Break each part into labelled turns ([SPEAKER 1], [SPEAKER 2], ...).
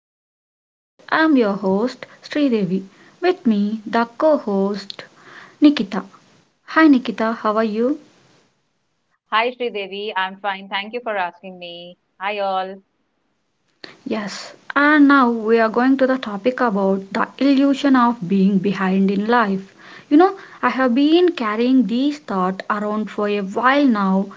[SPEAKER 1] to the podcast. I'm your host Sri Devi. With me, the co-host Nikita. Hi Nikita, how are you?
[SPEAKER 2] Hi, Sridevi. I'm fine. Thank you for asking me. Hi, all.
[SPEAKER 1] Yes, and now we are going to the topic about the illusion of being behind in life. You know, I have been carrying this thought around for a while now,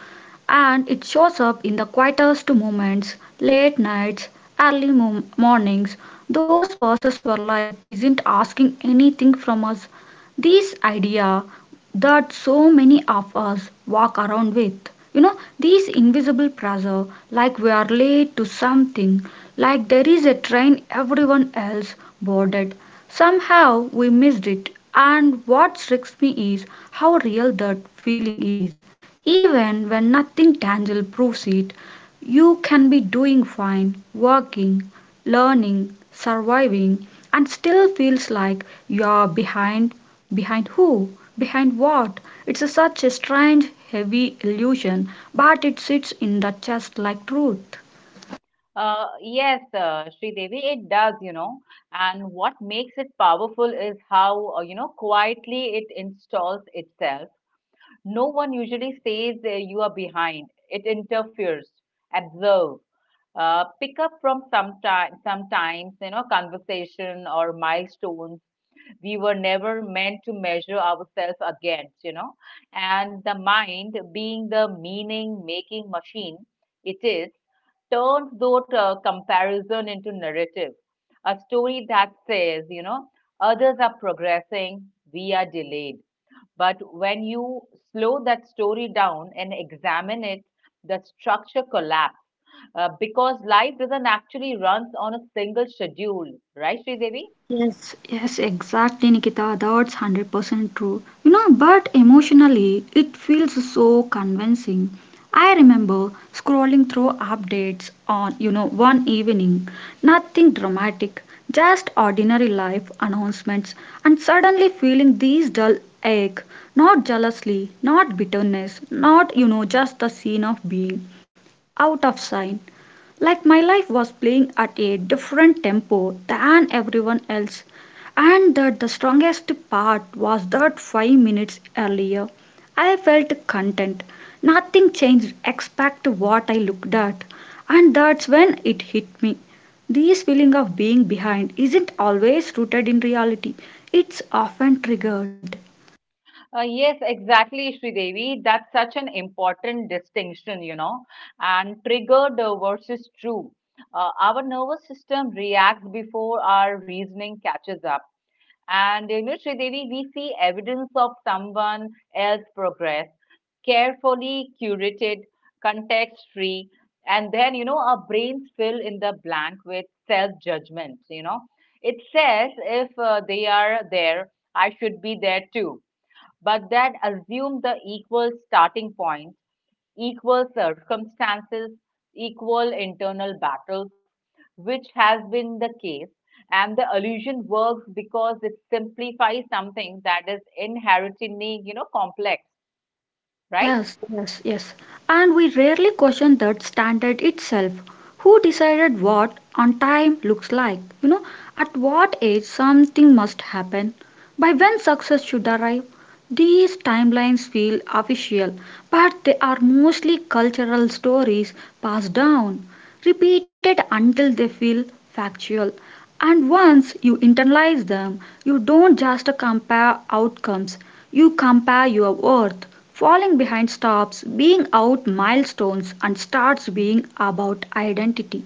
[SPEAKER 1] and it shows up in the quietest moments, late nights, early mornings, those pauses where life isn't asking anything from us. This idea that so many of us walk around with. You know, these invisible pressure, like we are late to something, like there is a train everyone else boarded. Somehow we missed it, and what strikes me is how real that feeling is. Even when nothing tangible proves it, you can be doing fine, working, learning, surviving, and still feels like you're behind. Behind who? Behind what? It's a such a strange, heavy illusion, but it sits in the chest like truth.
[SPEAKER 2] Yes, Sridevi, it does, you know. And what makes it powerful is how, you know, quietly it installs itself. No one usually says you are behind. It interferes, observe, pick up from sometimes, you know, conversation or milestones we were never meant to measure ourselves against, you know. And the mind, being the meaning making machine it is, turns that comparison into narrative. A story that says, you know, others are progressing, we are delayed. But when you slow that story down and examine it, the structure collapses because life doesn't actually run on a single schedule, right, Sri Devi?
[SPEAKER 1] Yes, exactly, Nikita. That's 100% true. You know, but emotionally, it feels so convincing. I remember scrolling through updates on, you know, one evening, nothing dramatic, just ordinary life announcements, and suddenly feeling these dull ache, not jealousy, not bitterness, not, you know, just the scene of being out of sight, like my life was playing at a different tempo than everyone else, and that the strongest part was that 5 minutes earlier I felt content. Nothing changed except what I looked at, and that's when it hit me. This feeling of being behind isn't always rooted in reality, it's often triggered.
[SPEAKER 2] Yes, exactly, Devi. That's such an important distinction, you know. And triggered versus true. Our nervous system reacts before our reasoning catches up. And, you know, Devi, we see evidence of someone else's progress, carefully curated, context free. And then, you know, our brains fill in the blank with self judgments, you know. It says if they are there, I should be there too, but that assume the equal starting point, equal circumstances, equal internal battles, which has been the case. And the allusion works because it simplifies something that is inherently, you know, complex, right?
[SPEAKER 1] Yes. And we rarely question that standard itself. Who decided what on time looks like? You know, at what age something must happen? By when success should arrive? These timelines feel official, but they are mostly cultural stories passed down, repeated until they feel factual. And once you internalize them, you don't just compare outcomes, you compare your worth. Falling behind stops being out milestones and starts being about identity.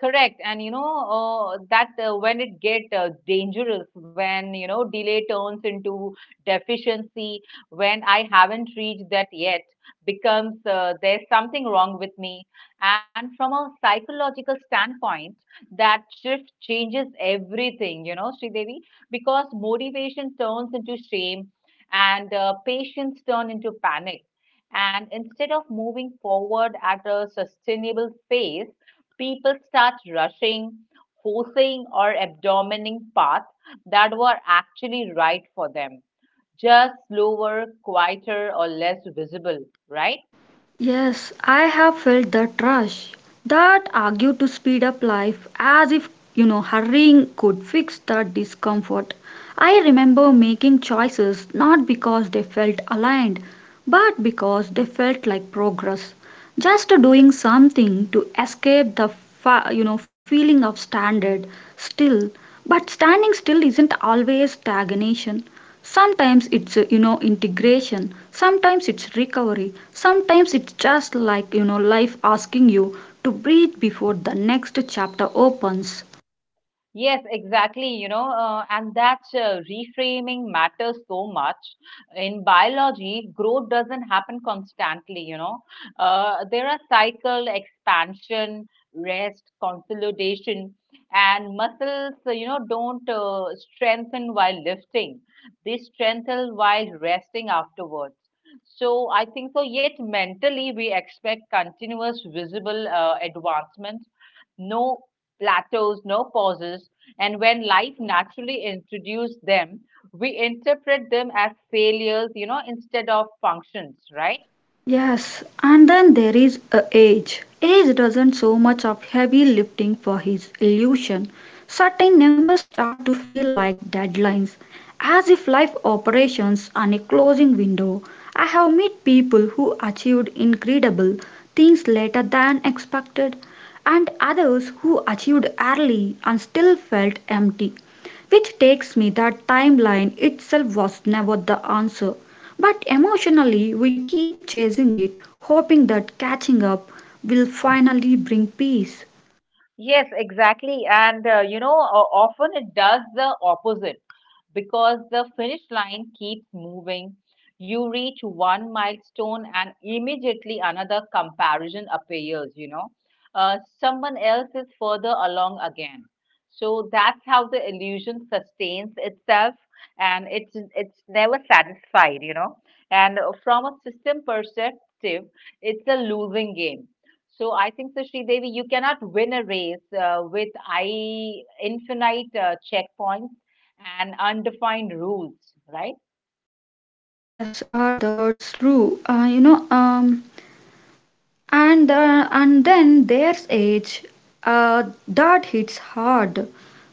[SPEAKER 2] Correct. And you know, that when it get dangerous, when you know delay turns into deficiency, when I haven't reached that yet, becomes there's something wrong with me. And from a psychological standpoint, that shift changes everything, you know, Sridevi, because motivation turns into shame and patience turn into panic. And instead of moving forward at a sustainable pace, people start rushing, forcing, or abdomining paths that were actually right for them, just slower, quieter, or less visible, right?
[SPEAKER 1] Yes, I have felt that rush, that argue to speed up life as if, you know, hurrying could fix that discomfort. I remember making choices not because they felt aligned, but because they felt like progress, just doing something to escape the you know, feeling of standard still. But standing still isn't always stagnation. Sometimes it's, you know, integration. Sometimes it's recovery. Sometimes it's just, like, you know, life asking you to breathe before the next chapter opens.
[SPEAKER 2] Yes, exactly. You know, and that reframing matters so much. In biology, growth doesn't happen constantly, you know. There are cycle, expansion, rest, consolidation, and muscles, you know, don't strengthen while lifting. They strengthen while resting afterwards. So I think so, yet mentally we expect continuous visible advancement, no plateaus, no pauses, and when life naturally introduced them, we interpret them as failures, you know, instead of functions, right?
[SPEAKER 1] Yes, and then there is, age. Age doesn't so much of heavy lifting for his illusion. Certain numbers start to feel like deadlines, as if life operations on a closing window. I have met people who achieved incredible things later than expected, and others who achieved early and still felt empty. Which takes me that timeline itself was never the answer, but emotionally we keep chasing it, hoping that catching up will finally bring peace.
[SPEAKER 2] Yes, exactly. And often it does the opposite because the finish line keeps moving. You reach one milestone and immediately another comparison appears, you know. Someone else is further along again. So that's how the illusion sustains itself and it's never satisfied, you know. And from a system perspective, it's a losing game, so I think, so Devi, you cannot win a race with I infinite checkpoints and undefined rules, right?
[SPEAKER 1] Yes, that's true. And and then there's age that hits hard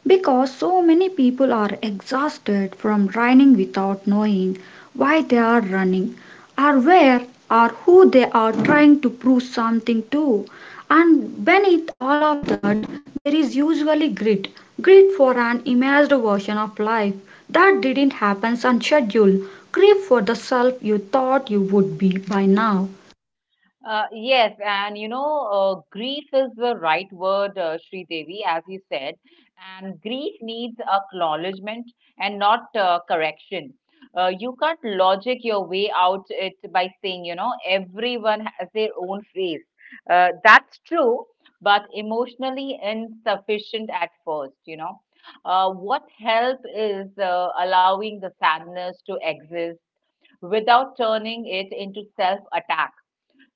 [SPEAKER 1] because so many people are exhausted from running without knowing why they are running, or where, or who they are trying to prove something to, and beneath all of that there is usually grit. Grit for an imagined version of life that didn't happen on schedule, grief for the self you thought you would be by now.
[SPEAKER 2] Yes, and you know, grief is the right word, Sri Devi, as you said. And grief needs acknowledgement and not correction. You can't logic your way out it by saying, you know, everyone has their own phase. That's true, but emotionally insufficient at first, you know. What help is allowing the sadness to exist without turning it into self attack,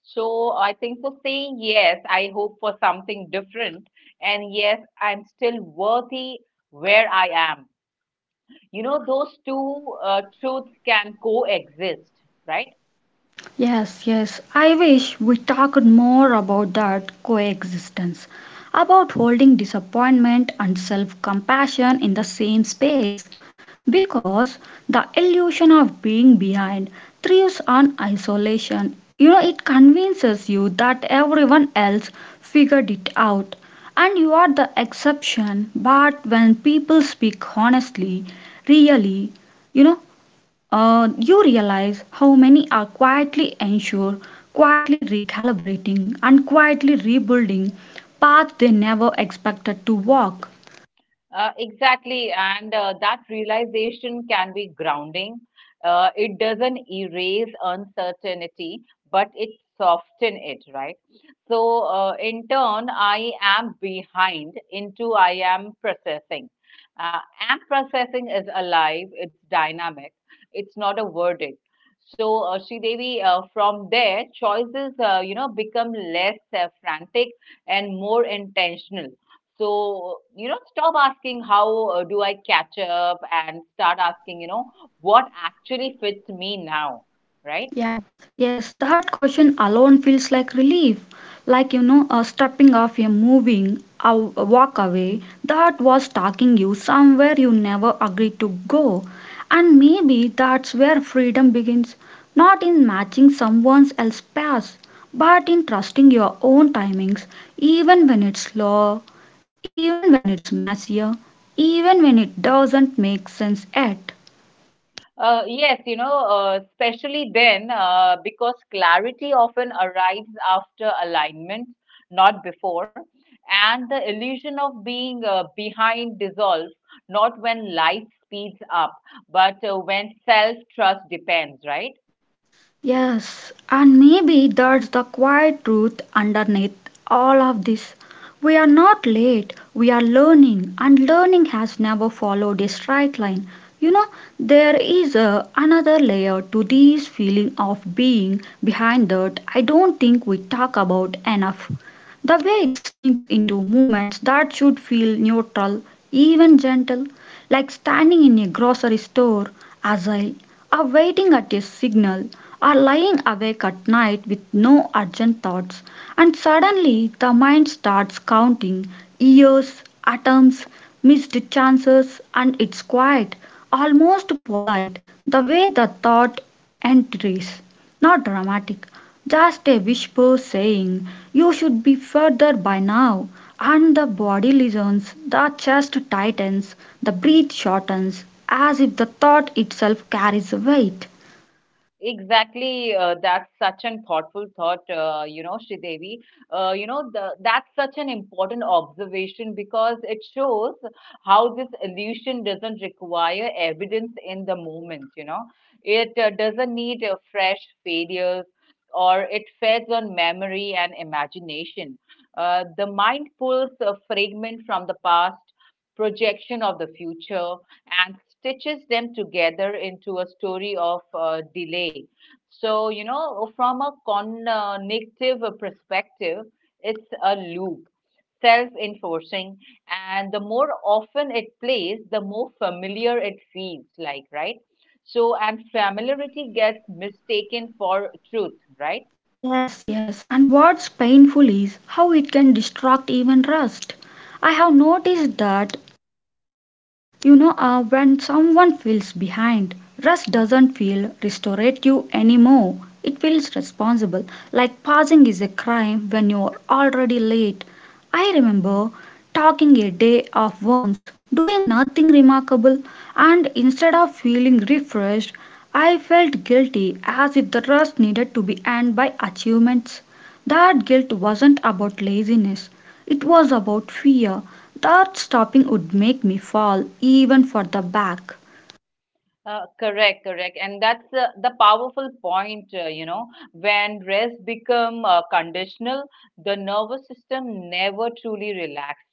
[SPEAKER 2] so I think for saying yes, I hope for something different. And yes, I'm still worthy where I am. You know, those two truths can coexist, right?
[SPEAKER 1] Yes. I wish we talked more about that coexistence, about holding disappointment and self compassion in the same space. Because the illusion of being behind thrives on isolation. You know, it convinces you that everyone else figured it out and you are the exception. But when people speak honestly, really, you know, you realize how many are quietly unsure, quietly recalibrating, and quietly rebuilding paths they never expected to walk.
[SPEAKER 2] Exactly, and that realization can be grounding. It doesn't erase uncertainty, but it softens it, right? So, in turn, I am behind into I am processing. Uh, am processing is alive, it's dynamic, it's not a verdict. So, Sri Devi, from there, choices, you know, become less frantic and more intentional, so, you know, stop asking how do I catch up and start asking, you know, what actually fits me now, right?
[SPEAKER 1] Yes, yes, that question alone feels like relief. Like, you know, stepping off a moving a walk away that was taking you somewhere you never agreed to go. And maybe that's where freedom begins, not in matching someone else's path, but in trusting your own timings, even when it's slow, even when it's messier, even when it doesn't make sense yet.
[SPEAKER 2] Yes, you know, especially then because clarity often arrives after alignment, not before. And the illusion of being behind dissolves, not when life speeds up, but when self-trust depends, right?
[SPEAKER 1] Yes, and maybe that's the quiet truth underneath all of this. We are not late, we are learning, and learning has never followed a straight line. You know, another layer to this feeling of being behind that I don't think we talk about enough. The way it sneaks into movements that should feel neutral, even gentle, like standing in a grocery store, agile, are waiting at a signal, are lying awake at night with no urgent thoughts, and suddenly the mind starts counting years, atoms, missed chances, and it's quiet, almost polite, the way the thought entries. Not dramatic, just a whisper saying, You should be further by now. And the body listens, the chest tightens, the breath shortens, as if the thought itself carries weight.
[SPEAKER 2] Exactly, that's such an thoughtful thought, you know, Sridevi. That's such an important observation because it shows how this illusion doesn't require evidence in the moment, you know. It doesn't need fresh failures, or it feeds on memory and imagination. The mind pulls a fragment from the past, projection of the future, and stitches them together into a story of delay. So, you know, from a cognitive perspective, it's a loop, self enforcing, and the more often it plays, the more familiar it feels like, right? So, and familiarity gets mistaken for truth, right?
[SPEAKER 1] Yes, and what's painful is how it can distract even rest. I have noticed that. You know, when someone feels behind, rest doesn't feel restorative anymore. It feels responsible, like passing is a crime when you're already late. I remember talking a day off once, doing nothing remarkable, and instead of feeling refreshed, I felt guilty as if the rest needed to be earned by achievements. That guilt wasn't about laziness, it was about fear that stopping would make me fall even further back.
[SPEAKER 2] Correct, correct, and that's the powerful point. You know, when rest become conditional, the nervous system never truly relaxes.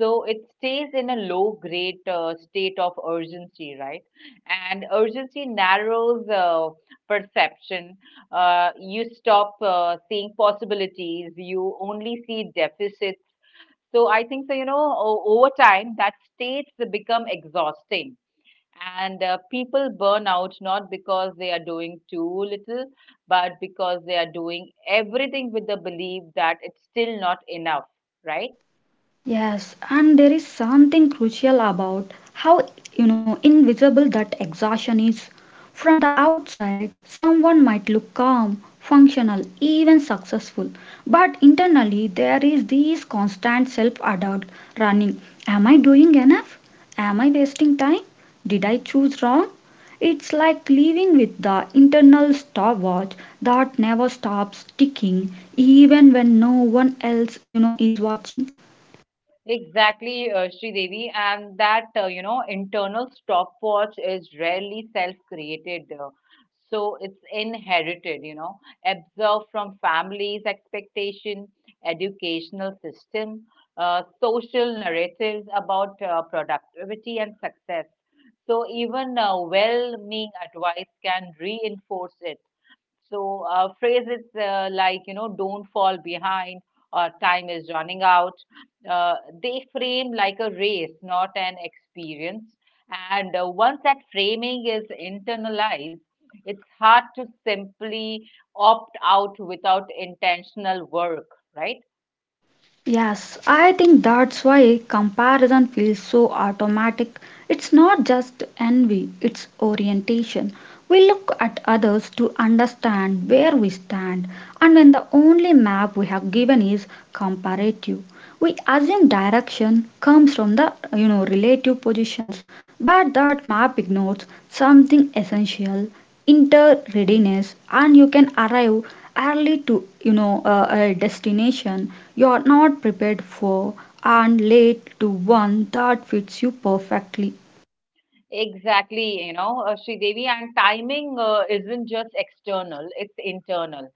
[SPEAKER 2] So it stays in a low grade state of urgency, right? And urgency narrows perception. You stop seeing possibilities. You only see deficits. So I think so. You know, over time, that states become exhausting, and people burn out not because they are doing too little, but because they are doing everything with the belief that it's still not enough, right?
[SPEAKER 1] Yes, and there is something crucial about how, you know, invisible that exhaustion is. From the outside, someone might look calm, functional, even successful, but internally there is this constant self-doubt running. Am I doing enough? Am I wasting time? Did I choose wrong? It's like living with the internal stopwatch that never stops ticking, even when no one else, you know, is watching.
[SPEAKER 2] Exactly, Sri Devi, and that you know internal stopwatch is rarely self-created, so it's inherited. You know, absorbed from families' expectation, educational system, social narratives about productivity and success. So even well-meaning advice can reinforce it. So phrases like, you know, don't fall behind or time is running out, uh, they frame like a race, not an experience. And once that framing is internalized, it's hard to simply opt out without intentional work, right?
[SPEAKER 1] Yes, I think that's why comparison feels so automatic. It's not just envy, it's orientation. We look at others to understand where we stand, and when the only map we have given is comparative, we assume direction comes from the, you know, relative positions, but that map ignores something essential, inter-readiness, and you can arrive early to, you know, a destination you are not prepared for, and late to one that fits you perfectly.
[SPEAKER 2] Exactly, you know, Devi, and timing isn't just external, it's internal.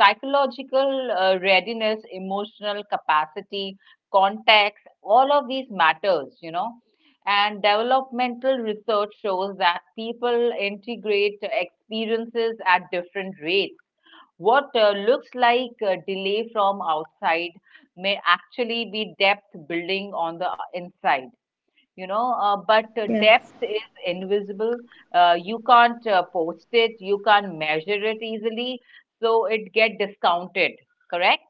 [SPEAKER 2] Psychological readiness, emotional capacity, context, all of these matters, you know. And developmental research shows that people integrate experiences at different rates. What looks like delay from outside may actually be depth building on the inside, you know, but
[SPEAKER 1] Yes.
[SPEAKER 2] depth is invisible. You can't post it, you can't measure it easily, so it get discounted. Correct.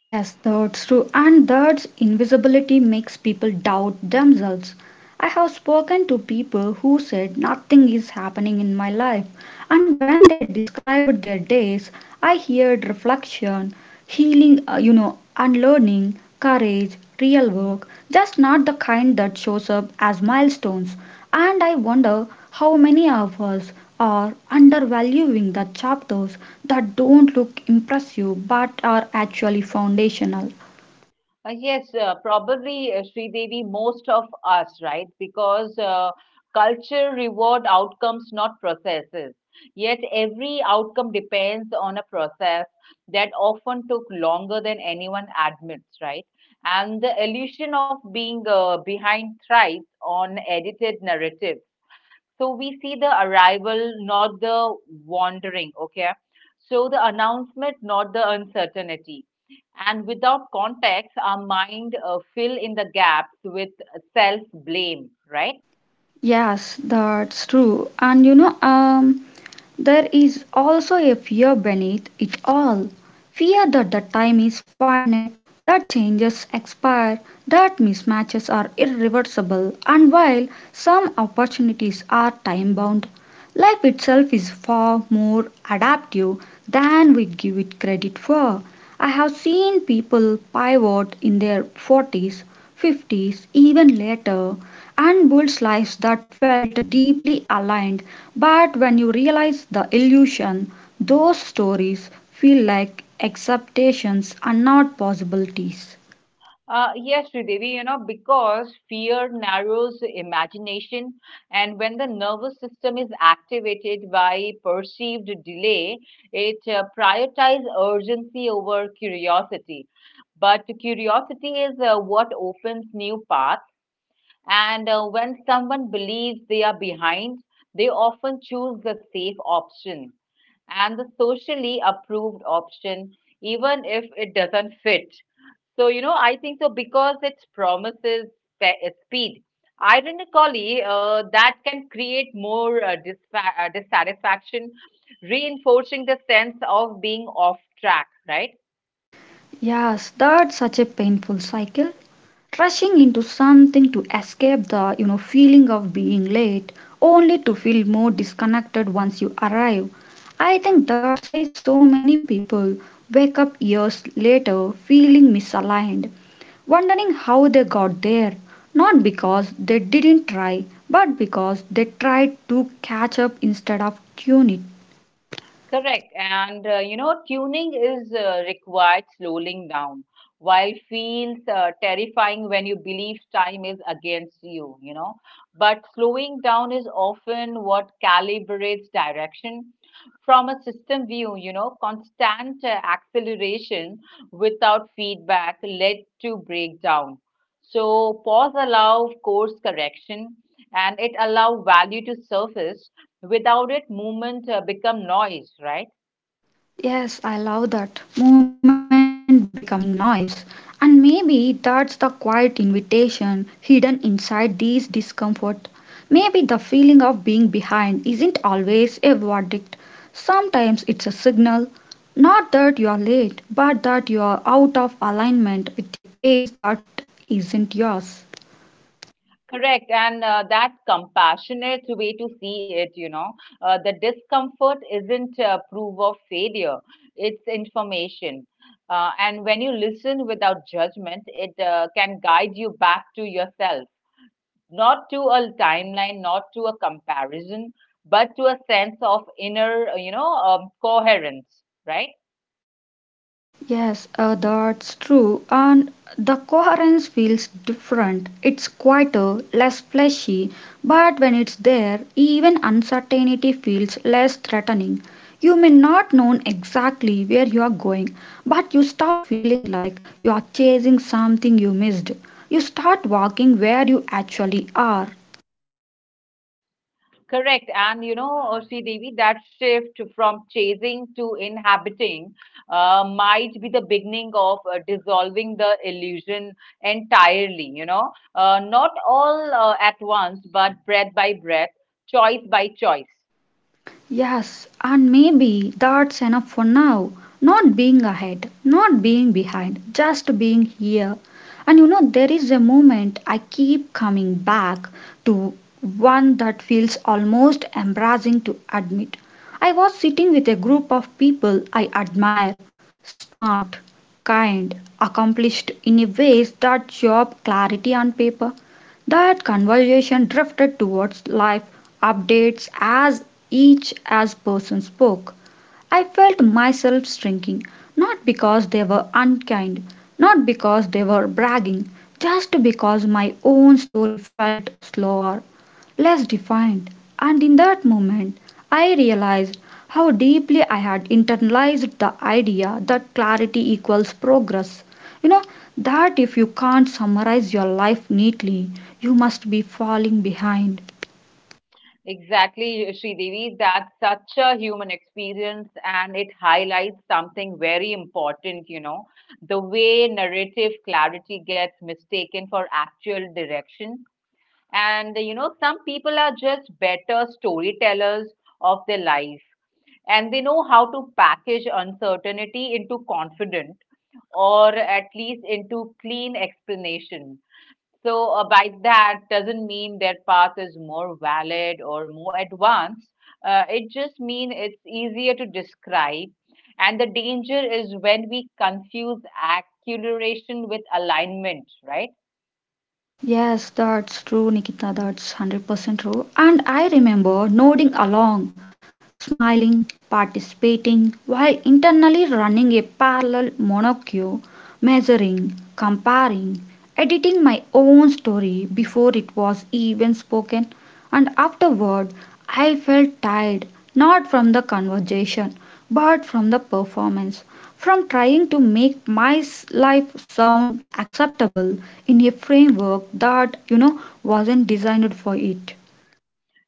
[SPEAKER 1] Yes, that's true. And that's invisibility makes people doubt themselves. I have spoken to people who said nothing is happening in my life, and when they described their days, I heard reflection, healing, you know, unlearning, courage, real work, just not the kind that shows up as milestones. And I wonder how many of us are undervaluing the chapters that don't look impressive but are actually foundational.
[SPEAKER 2] Yes Probably, Sri Devi, most of us, right? Because culture reward outcomes, not processes, yet every outcome depends on a process that often took longer than anyone admits, right? And the illusion of being behind thrives on edited narrative. So we see the arrival, not the wandering, okay? So the announcement, not the uncertainty. And without context, our mind fill in the gaps with self blame, right?
[SPEAKER 1] Yes, that's true. There is also a fear beneath it all, fear that the time is finite, that changes expire, that mismatches are irreversible, and while some opportunities are time bound, life itself is far more adaptive than we give it credit for. I have seen people pivot in their 40s, 50s, even later, and build lives that felt deeply aligned. But when you realize the illusion, those stories feel like acceptations and not possibilities.
[SPEAKER 2] Yes, Sridevi, you know, because fear narrows the imagination, and when the nervous system is activated by perceived delay, it prioritizes urgency over curiosity. But curiosity is what opens new paths, and when someone believes they are behind, they often choose the safe option and the socially approved option, even if it doesn't fit. So, you know, I think so because it promises speed. Ironically, that can create more dissatisfaction, reinforcing the sense of being off track, right?
[SPEAKER 1] Yes, that's such a painful cycle. Rushing into something to escape the, you know, feeling of being late, only to feel more disconnected once you arrive. I think that's why so many people wake up years later feeling misaligned, wondering how they got there, not because they didn't try, but because they tried to catch up instead of tune it.
[SPEAKER 2] Correct. And you know, tuning is required slowing down, while feels terrifying when you believe time is against you, you know. But slowing down is often what calibrates direction from a system view, you know, constant acceleration without feedback led to breakdown. So pause allow course correction, and it allow value to surface. Without it, movement become noise, right?
[SPEAKER 1] Yes, I love that. Movement becoming noise. And maybe that's the quiet invitation hidden inside these discomfort. Maybe the feeling of being behind isn't always a verdict. Sometimes it's a signal. Not that you are late, but that you are out of alignment with a pace that isn't yours.
[SPEAKER 2] Correct, and that compassionate way to see it, you know, the discomfort isn't proof of failure; it's information. And when you listen without judgment, it can guide you back to yourself, not to a timeline, not to a comparison, but to a sense of inner, coherence, right?
[SPEAKER 1] Yes, that's true. And the coherence feels different. It's quieter, less fleshy, but when it's there, even uncertainty feels less threatening. You may not know exactly where you are going, but you stop feeling like you are chasing something you missed. You start walking where you actually are.
[SPEAKER 2] Correct. And you know, Sri Devi, that shift from chasing to inhabiting might be the beginning of dissolving the illusion entirely, you know, not all at once, but breath by breath, choice by choice.
[SPEAKER 1] Yes, and maybe that's enough for now. Not being ahead, not being behind, just being here. And you know, there is a moment I keep coming back to, one that feels almost embarrassing to admit. I was sitting with a group of people I admire, smart, kind, accomplished in a ways that job clarity on paper that conversation drifted towards life updates as each as person spoke. I felt myself shrinking, not because they were unkind, not because they were bragging, just because my own story felt slower, less defined, and in that moment I realized how deeply I had internalized the idea that clarity equals progress. You know, that if you can't summarize your life neatly, you must be falling behind.
[SPEAKER 2] Exactly, Sri Devi, that's such a human experience, and it highlights something very important, you know, the way narrative clarity gets mistaken for actual direction. And you know, some people are just better storytellers of their life, and they know how to package uncertainty into confident, or at least into clean explanation. So, by that doesn't mean their path is more valid or more advanced. It just means it's easier to describe. And the danger is when we confuse acceleration with alignment, right?
[SPEAKER 1] Yes, that's true, Nikita, that's 100% true. And I remember nodding along smiling, participating, while internally running a parallel monocule, measuring, comparing, editing my own story before it was even spoken, and afterward I felt tired, not from the conversation, but from the performance, from trying to make my life sound acceptable in a framework that, wasn't designed for it.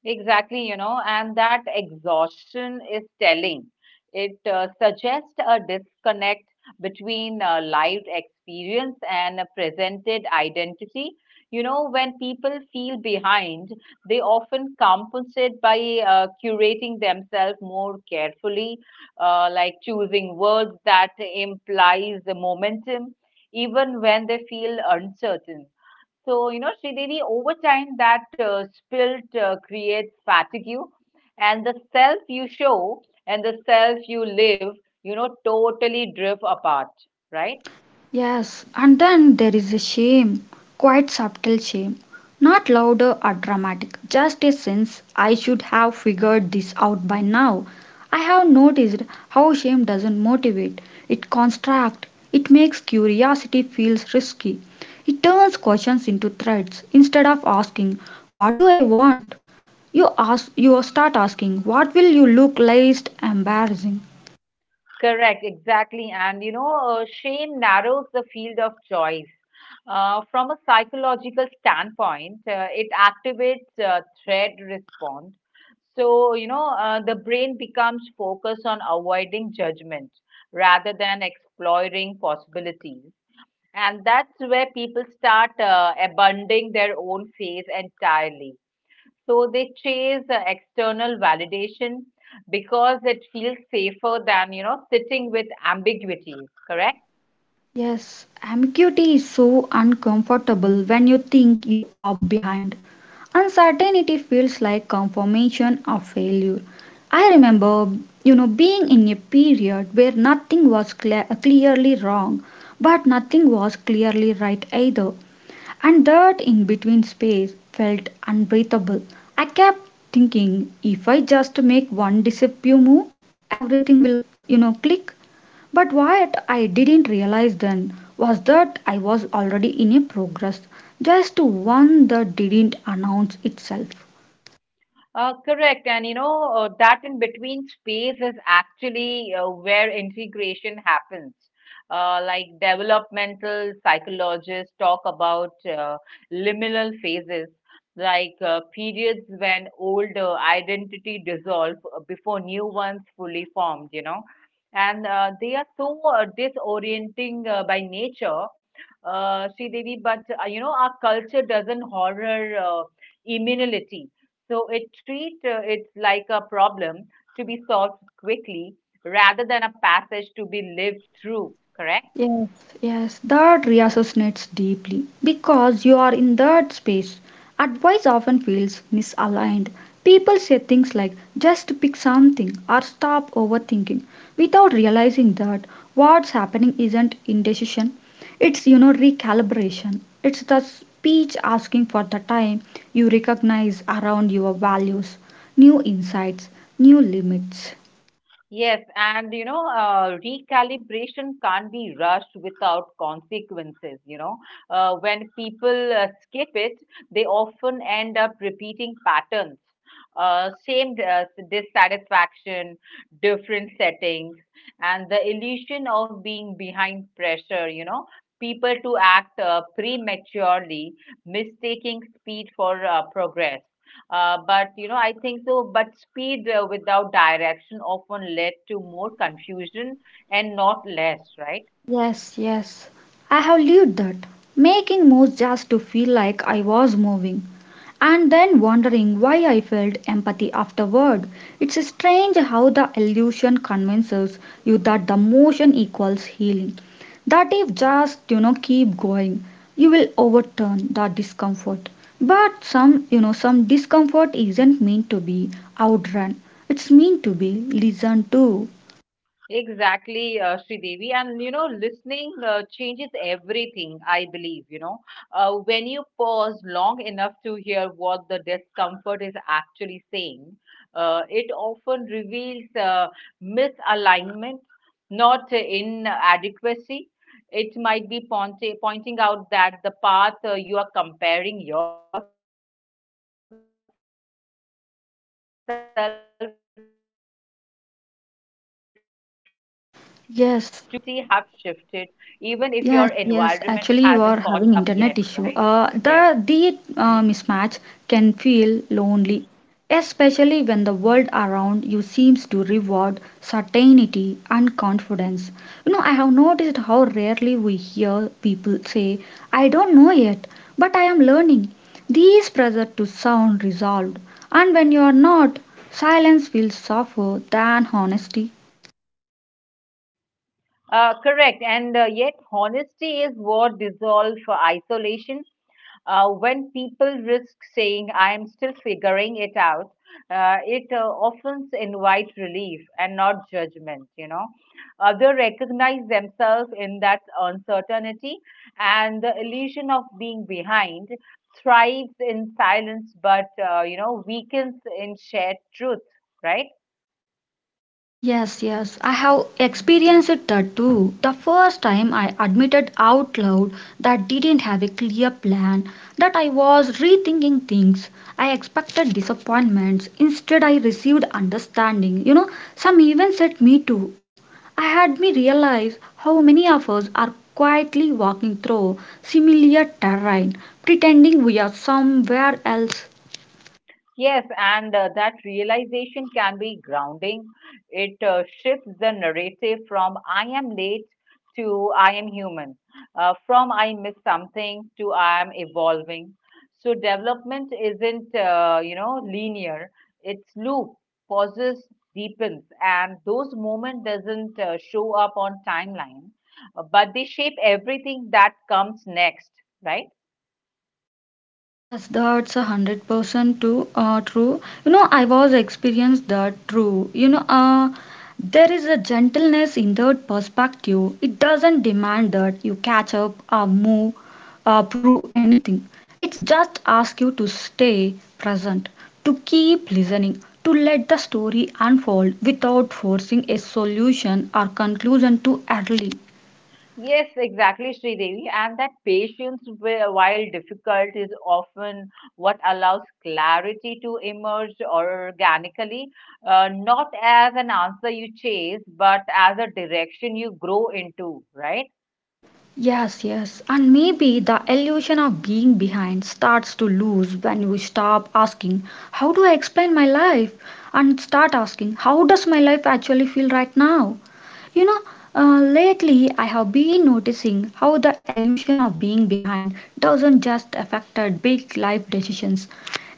[SPEAKER 2] Exactly, you know, and that exhaustion is telling. It suggests a disconnect between lived experience and a presented identity. You know, when people feel behind, they often compensate by curating themselves more carefully, like choosing words that implies the momentum, even when they feel uncertain. Sridevi, over time that spilt creates fatigue and the self you show and the self you live, totally drift apart, right?
[SPEAKER 1] Yes, and then there is a shame, quite subtle shame, not louder or dramatic, just a sense I should have figured this out by now. I have noticed how shame doesn't motivate, it constructs, it makes curiosity feels risky. It turns questions into threats. Instead of asking, what do I want? You start asking, what will you look least embarrassing?
[SPEAKER 2] Correct, exactly. Shame narrows the field of choice. From a psychological standpoint, it activates threat response. The brain becomes focused on avoiding judgment rather than exploring possibilities. And that's where people start abandoning their own faith entirely. So they chase external validation because it feels safer than, sitting with ambiguities, correct?
[SPEAKER 1] Yes, ambiguity is so uncomfortable when you think you are behind. Uncertainty feels like confirmation of failure. I remember, being in a period where nothing was clearly wrong, but nothing was clearly right either, and that in between space felt unbreathable. I kept thinking if I just make one disappear move, everything will, click. But what I didn't realize then was that I was already in a progress, just one that didn't announce itself.
[SPEAKER 2] Correct. And that in between space is actually where integration happens. Like developmental psychologists talk about liminal phases, like periods when old identity dissolve before new ones fully formed, And they are so disorienting by nature, Sri Devi, but our culture doesn't horror immunity so it treat it like a problem to be solved quickly rather than a passage to be lived through, correct?
[SPEAKER 1] Yes, yes, that reassassinates deeply because you are in that space. Advice often feels misaligned. People say things like just pick something or stop overthinking without realizing that what's happening isn't indecision. It's, recalibration. It's the speech asking for the time you recognize around your values, new insights, new limits.
[SPEAKER 2] Yes, and recalibration can't be rushed without consequences. When people skip it, they often end up repeating patterns, same dissatisfaction, different settings, and the illusion of being behind pressure. You know, people to act prematurely, mistaking speed for progress. But you know, I think so. But speed without direction often led to more confusion and not less, right?
[SPEAKER 1] Yes, yes. I have lived that. Making moves just to feel like I was moving. And then wondering why I felt empathy afterward. It's strange how the illusion convinces you that the motion equals healing. That if just, keep going, you will overturn the discomfort. But some, some discomfort isn't meant to be outrun. It's meant to be listened to.
[SPEAKER 2] Exactly, Sridevi. And you know, listening changes everything, I believe. When you pause long enough to hear what the discomfort is actually saying, it often reveals misalignment, not inadequacy. It might be pointing out that the path you are comparing yourself to isn't actually yours, you know, or that your priority have shifted, even if your environment
[SPEAKER 1] Yes,
[SPEAKER 2] hasn't caught up yet, right?
[SPEAKER 1] yes,
[SPEAKER 2] Yes.
[SPEAKER 1] yes. Actually, you are having internet issue. The mismatch can feel lonely, especially when the world around you seems to reward certainty and confidence. You know, I have noticed how rarely we hear people say, "I don't know yet, but I am learning." These pressure to sound resolved, and when you are not, silence feels softer than honesty.
[SPEAKER 2] Correct. And yet, honesty is what dissolves isolation. When people risk saying, I am still figuring it out, it often invites relief and not judgment, you know. Others recognize themselves in that uncertainty, and the illusion of being behind thrives in silence but, weakens in shared truth, right?
[SPEAKER 1] Yes, yes, I have experienced that too. The first time I admitted out loud that didn't have a clear plan, that I was rethinking things. I expected disappointments. Instead, I received understanding. You know, some even set me to. I had me realize how many of us are quietly walking through similar terrain, pretending we are somewhere else.
[SPEAKER 2] Yes, and that realization can be grounding. It shifts the narrative from I am late to I am human, from I miss something to I am evolving. So development isn't, linear. It's loop, pauses, deepens, and those moments doesn't show up on timeline, but they shape everything that comes next, right?
[SPEAKER 1] Yes, that's 100% too true. You know, I was experienced that true. There is a gentleness in the perspective. It doesn't demand that you catch up or move or prove anything. It's just ask you to stay present, to keep listening, to let the story unfold without forcing a solution or conclusion too early.
[SPEAKER 2] Yes, exactly, Sridevi. And that patience, while difficult, is often what allows clarity to emerge organically, not as an answer you chase, but as a direction you grow into, right?
[SPEAKER 1] Yes, yes. And maybe the illusion of being behind starts to lose when you stop asking, how do I explain my life? And start asking, how does my life actually feel right now? You know, Lately I have been noticing how the illusion of being behind doesn't just affect our big life decisions.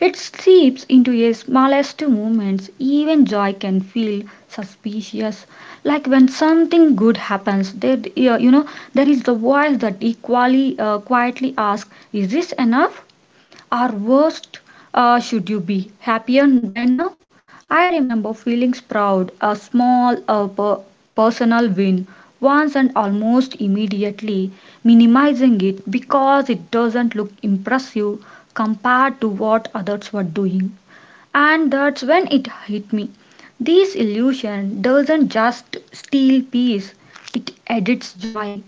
[SPEAKER 1] It seeps into your smallest moments. Even joy can feel suspicious, like when something good happens, there you you know there is the voice that equally quietly asks, is this enough? Or worst, should you be happier by now? I remember feeling proud a small personal win once, and almost immediately minimizing it because it doesn't look impressive compared to what others were doing. And that's when it hit me. This illusion doesn't just steal peace, it edits joy.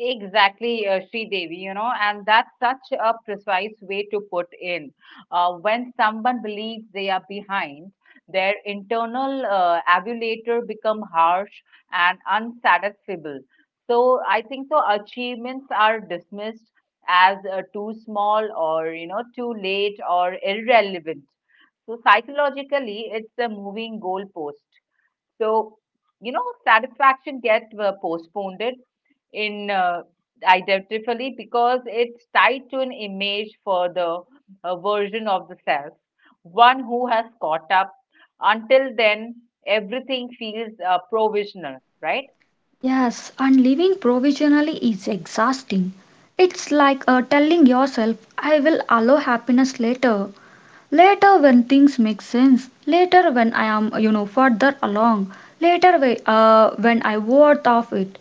[SPEAKER 2] Exactly, Sri Devi, you know, and that's such a precise way to put in. When someone believes they are behind, their internal avulator become harsh and unsatisfiable. So I think so achievements are dismissed as too small or, you know, too late or irrelevant. So psychologically, it's a moving goalpost. So, Satisfaction get postponed in identically because it's tied to an image for the version of the self, one who has caught up. Until then, everything feels provisional, right?
[SPEAKER 1] Yes, and living provisionally is exhausting. It's like telling yourself, I will allow happiness later. Later, when things make sense. Later, when I am, further along. Later, when I worth of it.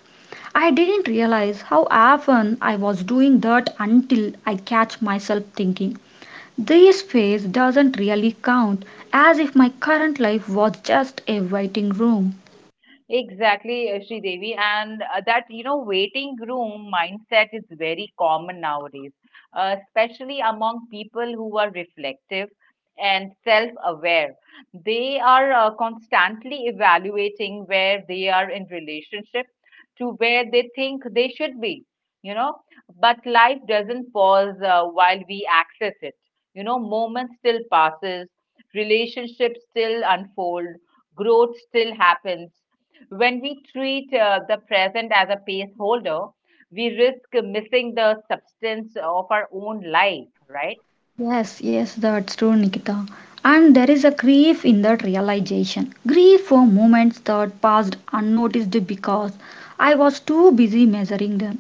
[SPEAKER 1] I didn't realize how often I was doing that until I catch myself thinking. This phase doesn't really count, as if my current life was just a waiting room.
[SPEAKER 2] Exactly, Devi, and that you know waiting room mindset is very common nowadays, especially among people who are reflective and self-aware. They are constantly evaluating where they are in relationship to where they think they should be, you know. But life doesn't pause while we access it. You know, moments still passes, relationships still unfold, growth still happens when we treat the present as a pace holder, we risk missing the substance of our own life, right?
[SPEAKER 1] Yes, yes, that's true, Nikita. And there is a grief in that realization. Grief for moments that passed unnoticed because I was too busy measuring them.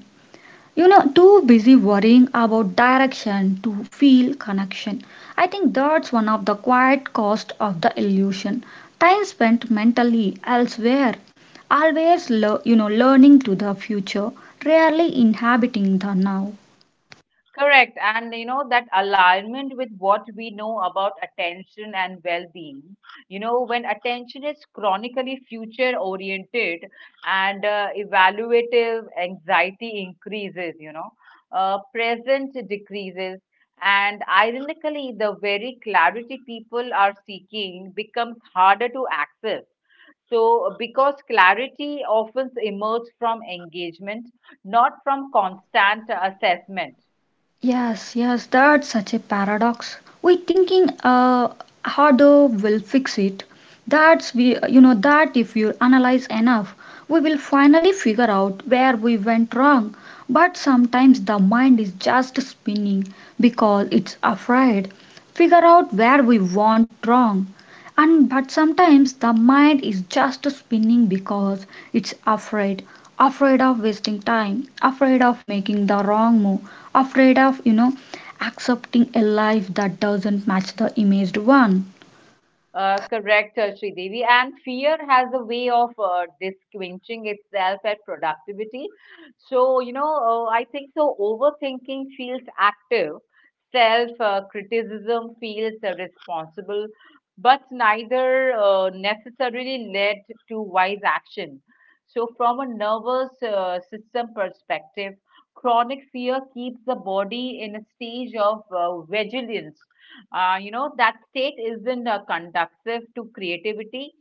[SPEAKER 1] You know, too busy worrying about direction to feel connection. I think that's one of the quiet cost of the illusion. Time spent mentally elsewhere, always learning to the future, rarely inhabiting the now.
[SPEAKER 2] Correct. And you know, that alignment with what we know about attention and well being. You know, when attention is chronically future oriented and evaluative, anxiety increases, present decreases. And ironically, the very clarity people are seeking becomes harder to access. So, because clarity often emerges from engagement, not from constant assessment.
[SPEAKER 1] Yes, yes, that's such a paradox. We thinking harder will fix it. That's we, that if you analyze enough, we will finally figure out where we went wrong. But sometimes the mind is just spinning because it's afraid. Figure out where we went wrong, and but sometimes the mind is just spinning because it's afraid, afraid of wasting time, afraid of making the wrong move, afraid of accepting a life that doesn't match the imaged one.
[SPEAKER 2] Correct, Sridevi. And fear has a way of disquenching itself at productivity. So, you know, I think so. Overthinking feels active, self criticism feels responsible, but neither necessarily led to wise action. So, from a nervous system perspective, chronic fear keeps the body in a stage of vigilance that state isn't conducive to creativity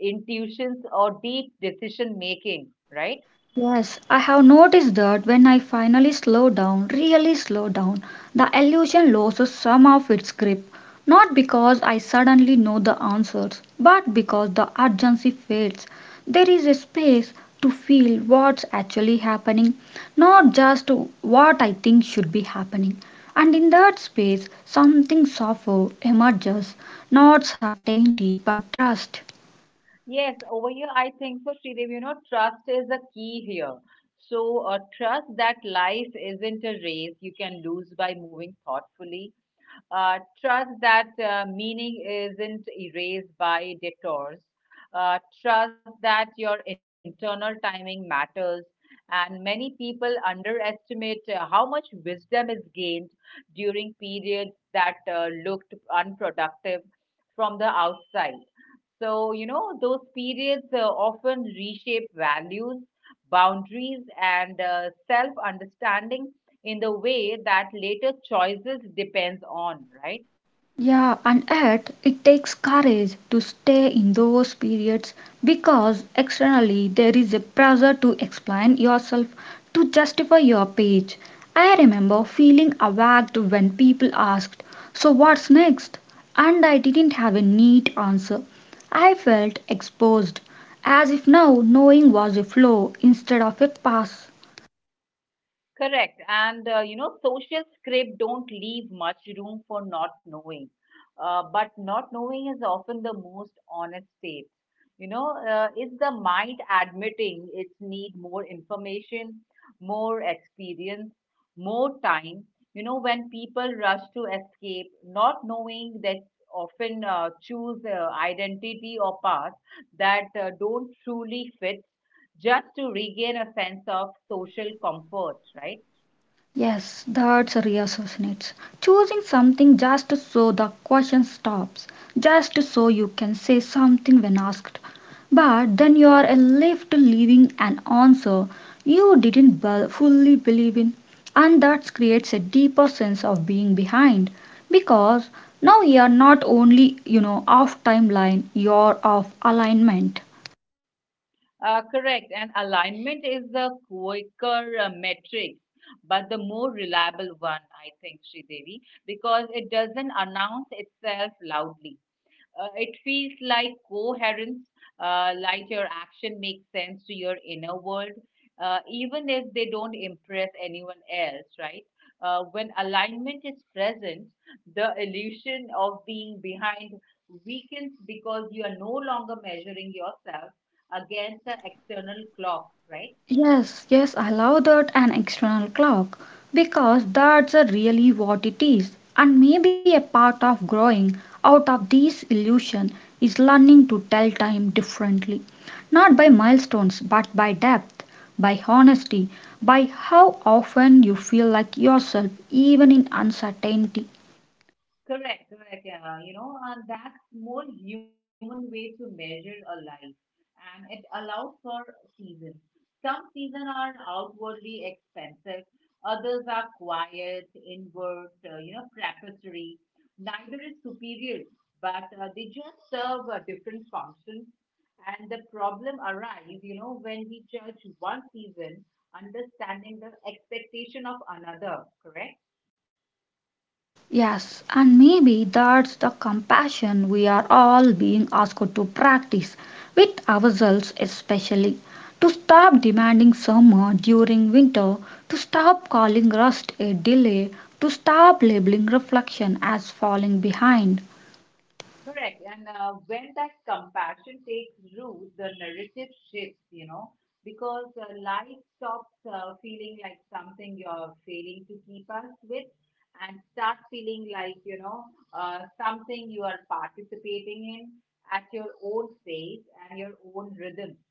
[SPEAKER 2] intuitions or deep decision making, right?
[SPEAKER 1] Yes, I have noticed that when I finally slow down, really slow down, the illusion loses some of its grip. Not because I suddenly know the answers, but because the urgency fades. There is a space to feel what's actually happening, not just what I think should be happening. And in that space, something softer emerges, not certainty but trust.
[SPEAKER 2] Yes, over here I think for Sridev, you know trust is a key here. So trust that life isn't a race you can lose by moving thoughtfully. Trust that meaning isn't erased by detours. Trust that your internal timing matters. And many people underestimate how much wisdom is gained during periods that looked unproductive from the outside. So, you know, those periods often reshape values, boundaries, and self understanding in the way that later choices depends on, right?
[SPEAKER 1] Yeah, and yet it takes courage to stay in those periods because externally there is a pressure to explain yourself, to justify your page. I remember feeling awaked when people asked, so what's next? And I didn't have a neat answer. I felt exposed, as if now knowing was a flaw instead of a pass.
[SPEAKER 2] Correct. And you know, social script don't leave much room for not knowing. But not knowing is often the most honest state. It's the mind admitting its need more information, more experience, more time. You know, when people rush to escape, not knowing that often choose identity or path that don't truly fit just to regain a sense of social comfort, right?
[SPEAKER 1] Yes, that's reassociates. Choosing something just so the question stops, just so you can say something when asked. But then you are left leaving an answer you didn't be- fully believe in, and that creates a deeper sense of being behind because now you are not only, you know, off timeline, you're off alignment.
[SPEAKER 2] Correct. And alignment is the quicker metric, but the more reliable one, I think, Sri, because it doesn't announce itself loudly. It feels like coherence, like your action makes sense to your inner world, even if they don't impress anyone else, right? When alignment is present, the illusion of being behind weakens because you are no longer measuring yourself against the external clock, right?
[SPEAKER 1] Yes, yes, I love that an external clock, because that's a really what it is. And maybe a part of growing out of this illusion is learning to tell time differently. Not by milestones, but by depth, by honesty, by how often you feel like yourself, even in uncertainty.
[SPEAKER 2] Correct, correct. Yeah, you know, and that's more human way to measure a life, and it allows for seasons. Some seasons are outwardly expensive, others are quiet, inward, preparatory. Neither is superior, but they just serve a different function. And the problem arises, you know, when we judge one season, understanding the expectation of another. Correct.
[SPEAKER 1] Yes, and maybe that's the compassion we are all being asked to practice, with ourselves especially. To stop demanding summer during winter, to stop calling rust a delay, to stop labeling reflection as falling behind.
[SPEAKER 2] Correct. And when that compassion takes root, the narrative shifts, you know, because life stops feeling like something you're failing to keep us with and starts feeling like, something you are participating in at your own pace and your own rhythm.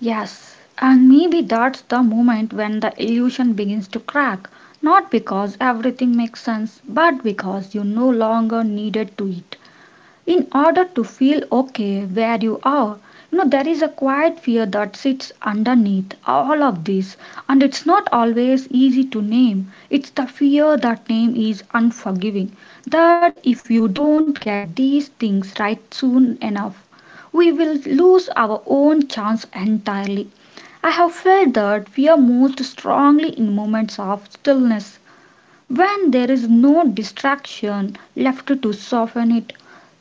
[SPEAKER 1] Yes, and maybe that's the moment when the illusion begins to crack, not because everything makes sense, but because you no longer needed to it in order to feel okay where you are. You know, there is a quiet fear that sits underneath all of this, and it's not always easy to name. It's the fear that name is unforgiving, that if you don't get these things right soon enough, we will lose our own chance entirely. I have felt that fear most strongly in moments of stillness, when there is no distraction left to soften it.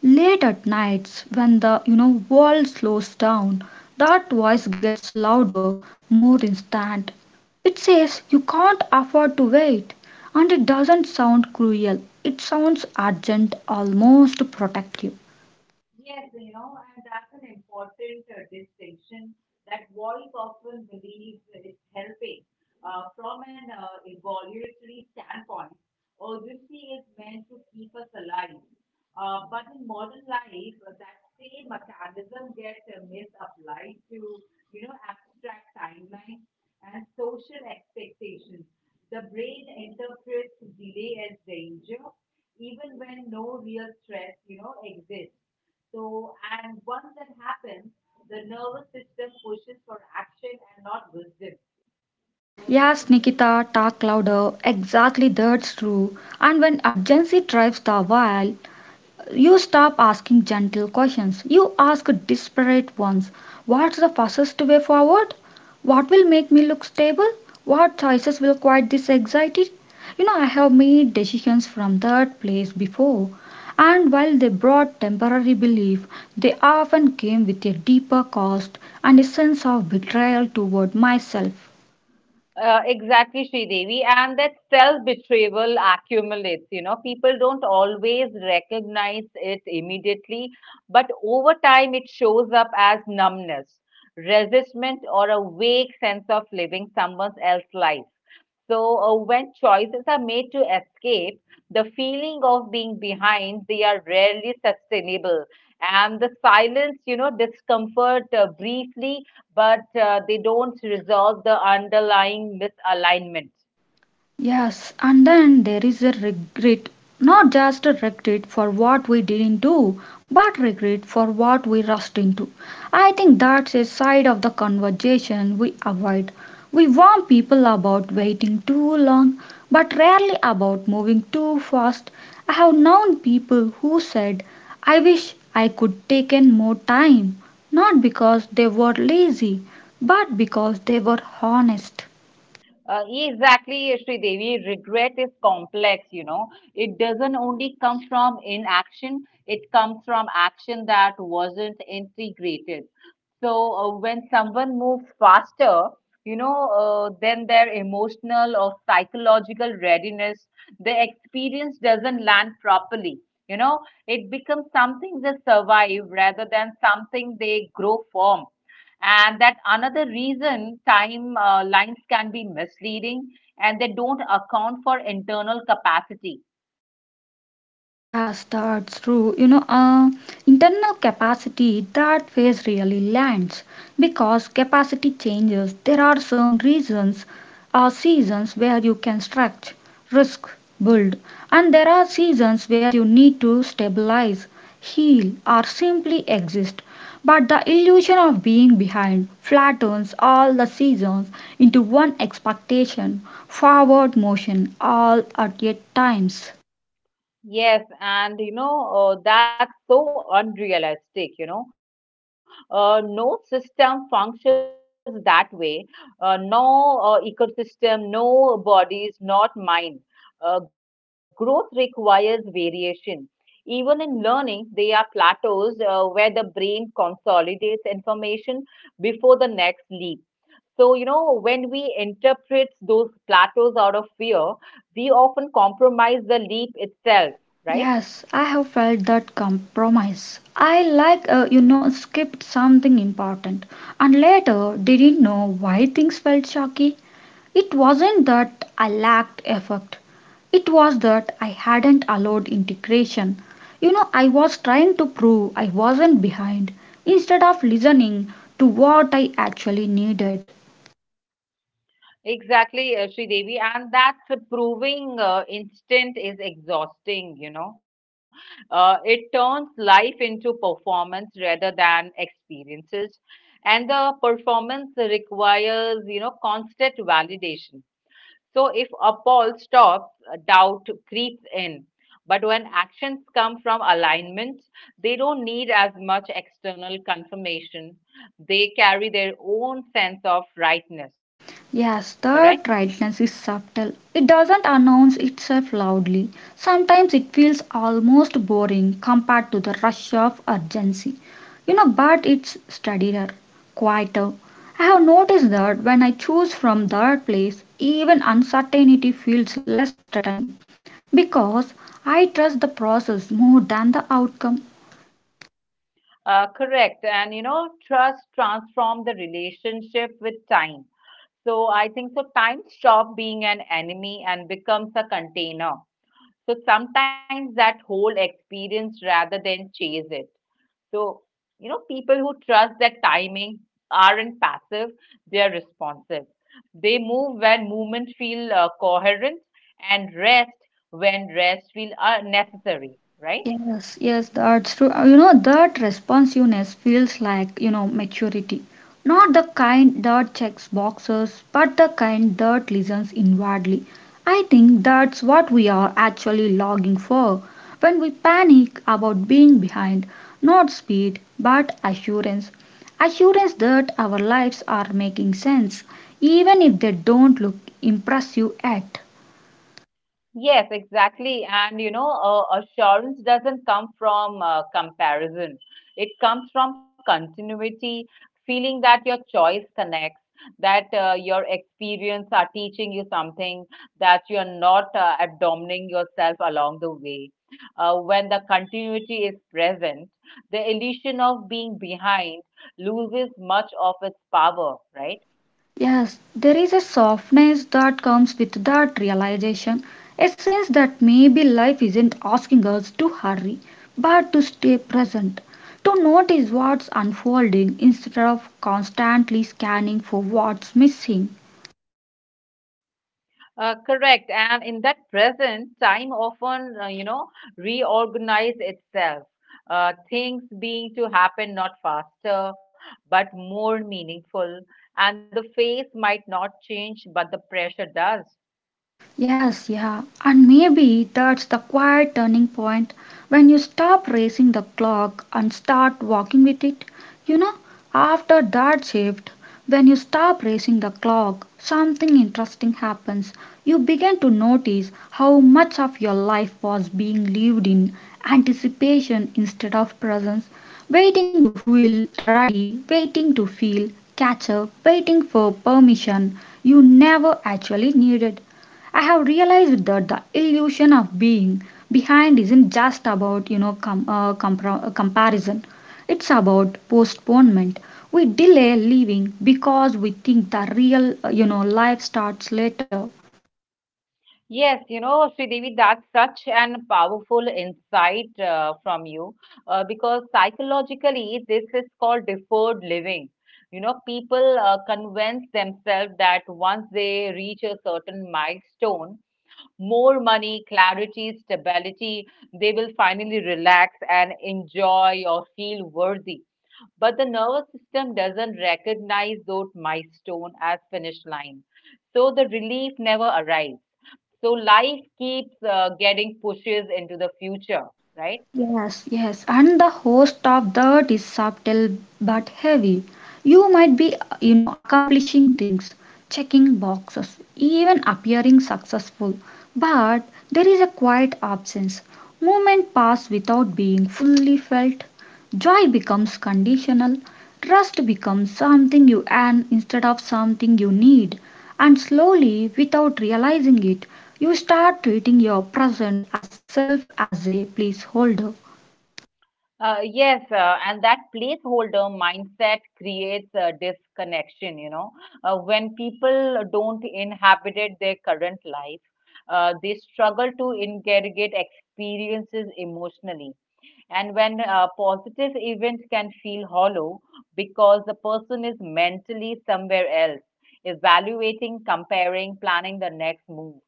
[SPEAKER 1] Late at nights, when the world slows down, that voice gets louder, more instant. It says you can't afford to wait, and it doesn't sound cruel, it sounds urgent, almost protective.
[SPEAKER 2] Yes, you know, and that's an important distinction that voice often believes it's helping. From an evolutionary standpoint, urgency is meant to keep us alive. But in modern life, that same mechanism gets misapplied to, you know, abstract timelines and social expectations. The brain interprets delay as danger, even when no real threat, you know, exists. So, and once that happens, the nervous system pushes for action and not wisdom.
[SPEAKER 1] Yes, Nikita, talk louder. Exactly, that's true. And when urgency drives the while, you stop asking gentle questions. You ask desperate ones. What's the fastest way forward? What will make me look stable? What choices will quiet this anxiety? You know, I have made decisions from that place before, and while they brought temporary relief, they often came with a deeper cost and a sense of betrayal toward myself.
[SPEAKER 2] Exactly, Sridevi. And that self-betrayal accumulates, you know. People don't always recognize it immediately, but over time it shows up as numbness, resistment, or a vague sense of living someone else's life. So, when choices are made to escape, the feeling of being behind, they are rarely sustainable. And the silence, you know, discomfort briefly but they don't resolve the underlying misalignment.
[SPEAKER 1] Yes, and then there is a regret, not just a regret for what we didn't do, but regret for what we rushed into. I think that's a side of the conversation we avoid. We warn people about waiting too long, but rarely about moving too fast. I have known people who said, I wish I could taken more time, not because they were lazy, but because they were honest.
[SPEAKER 2] Exactly, Devi. Regret is complex, you know. It doesn't only come from inaction, it comes from action that wasn't integrated. So, when someone moves faster, then their emotional or psychological readiness, the experience doesn't land properly. You know, it becomes something they survive rather than something they grow from, and that another reason time lines can be misleading and they don't account for internal capacity.
[SPEAKER 1] Yes, that's true. Internal capacity, that phase really lands because capacity changes. There are some reasons or seasons where you can stretch, risk, build, and there are seasons where you need to stabilize, heal, or simply exist. But the illusion of being behind flattens all the seasons into one expectation, forward motion, all at yet times.
[SPEAKER 2] Yes, and that's so unrealistic, you know. No system functions that way. No ecosystem, no bodies, not mind. Growth requires variation. Even in learning, there are plateaus where the brain consolidates information before the next leap. So, you know, when we interpret those plateaus out of fear, we often compromise the leap itself, right?
[SPEAKER 1] Yes, I have felt that compromise. I like, skipped something important, and later didn't know why things felt shaky. It wasn't that I lacked effort, it was that I hadn't allowed integration. You know, I was trying to prove I wasn't behind instead of listening to what I actually needed.
[SPEAKER 2] Exactly, Sri Devi, and that's a proving instant is exhausting, you know. It turns life into performance rather than experiences, and the performance requires, you know, constant validation. So if appall stops, doubt creeps in. But when actions come from alignment, they don't need as much external confirmation. They carry their own sense of rightness, correct?
[SPEAKER 1] Yes, that rightness is subtle. It doesn't announce itself loudly. Sometimes it feels almost boring compared to the rush of urgency. You know, but it's steadier, quieter. I have noticed that when I choose from that place, even uncertainty feels less threatening because I trust the process more than the outcome.
[SPEAKER 2] Correct. And you know, trust transform the relationship with time. So I think so time stop being an enemy and becomes a container. So sometimes that whole experience rather than chase it. So, People who trust that timing aren't passive, they're responsive. They move when movement feel coherent and rest when rest feel necessary, right?
[SPEAKER 1] Yes, yes, that's true. That responsiveness feels like, maturity. Not the kind that checks boxes, but the kind that listens inwardly. I think that's what we are actually logging for. When we panic about being behind, not speed, but assurance. Assurance that our lives are making sense, even if they don't look impressive yet.
[SPEAKER 2] Yes, exactly. And assurance doesn't come from comparison. It comes from continuity, feeling that your choice connects, that your experience are teaching you something, that you are not abandoning yourself along the way. When the continuity is present, the illusion of being behind loses much of its power, right?
[SPEAKER 1] Yes, there is a softness that comes with that realization, a sense that maybe life isn't asking us to hurry, but to stay present, to notice what's unfolding instead of constantly scanning for what's missing.
[SPEAKER 2] Correct. And in that present, time often, reorganize itself. Things being to happen not faster, but more meaningful. And the face might not change, but the pressure does.
[SPEAKER 1] Yes, yeah. And maybe that's the quiet turning point when you stop racing the clock and start walking with it. You know, after that shift, when you stop racing the clock, something interesting happens. You begin to notice how much of your life was being lived in anticipation instead of presence, waiting to feel ready, waiting to feel catch up, waiting for permission you never actually needed. I have realized that the illusion of being behind isn't just about, comparison. It's about postponement. We delay leaving because we think the real, life starts later.
[SPEAKER 2] Yes, you know, Sridevi, that's such an powerful insight from you because psychologically, this is called deferred living. You know, people convince themselves that once they reach a certain milestone, more money, clarity, stability. They will finally relax and enjoy or feel worthy. But the nervous system doesn't recognize those milestone as finish line. So the relief never arrives. So life keeps getting pushes into the future, right?
[SPEAKER 1] Yes, yes, and the host of that is subtle but heavy. You might be, accomplishing things, checking boxes, even appearing successful, but there is a quiet absence. Moment pass without being fully felt. Joy becomes conditional, trust becomes something you earn instead of something you need, and slowly, without realizing it, you start treating your present as self as a placeholder.
[SPEAKER 2] Yes, and that placeholder mindset creates a disconnection, you know. When people don't inhabit it their current life, they struggle to integrate experiences emotionally. And when a positive events can feel hollow because the person is mentally somewhere else, evaluating, comparing, planning the next move.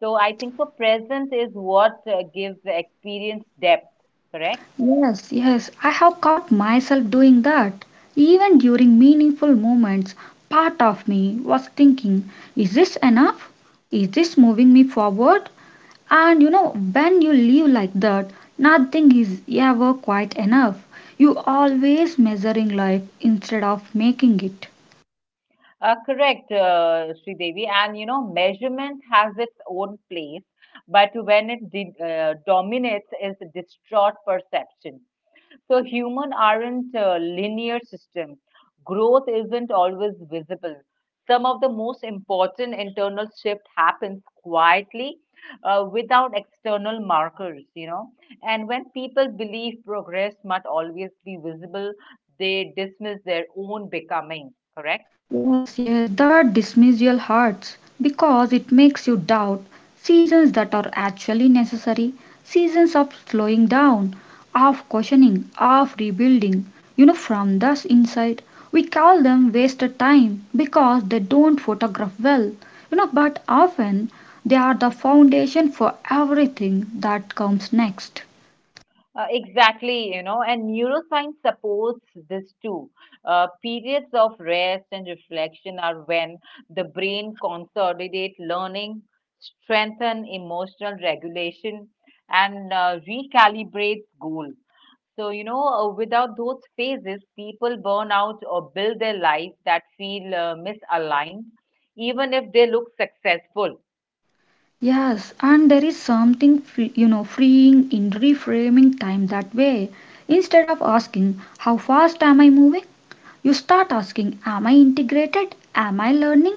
[SPEAKER 2] So I think the present is what gives the experience depth, correct?
[SPEAKER 1] Yes, yes, I have caught myself doing that. Even during meaningful moments, part of me was thinking, is this enough? Is this moving me forward? And you know, when you live like that, nothing is ever quite enough. You always measuring life instead of making it.
[SPEAKER 2] Correct, Devi, and you know, measurement has its own place, but when it dominates, is distraught perception. So human aren't a linear system. Growth isn't always visible. Some of the most important internal shift happens quietly, without external markers. You know, and when people believe progress must always be visible, they dismiss their own becoming. Correct.
[SPEAKER 1] Yes, yes, that dismiss your hearts because it makes you doubt seasons that are actually necessary, seasons of slowing down, of questioning, of rebuilding. You know, from thus inside, we call them wasted time because they don't photograph well. You know, but often they are the foundation for everything that comes next.
[SPEAKER 2] Exactly, you know, and neuroscience supports this too. Periods of rest and reflection are when the brain consolidates learning, strengthen emotional regulation, and recalibrates goals. So, you know, without those phases, people burn out or build their lives that feel misaligned, even if they look successful.
[SPEAKER 1] Yes, and there is something free, you know freeing in reframing time that way. Instead of asking how fast am I moving, you start asking am I integrated? Am I learning?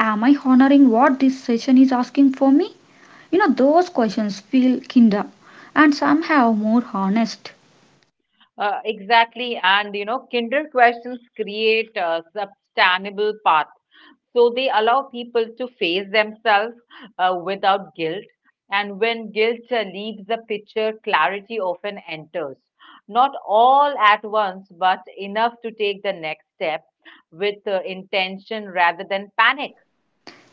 [SPEAKER 1] Am I honoring what this session is asking for me? You know those questions feel kinder and somehow more honest.
[SPEAKER 2] Exactly, and you know, Kinder questions create a sustainable path. So they allow people to face themselves without guilt. And when guilt leaves the picture, clarity often enters. Not all at once, but enough to take the next step with intention rather than panic.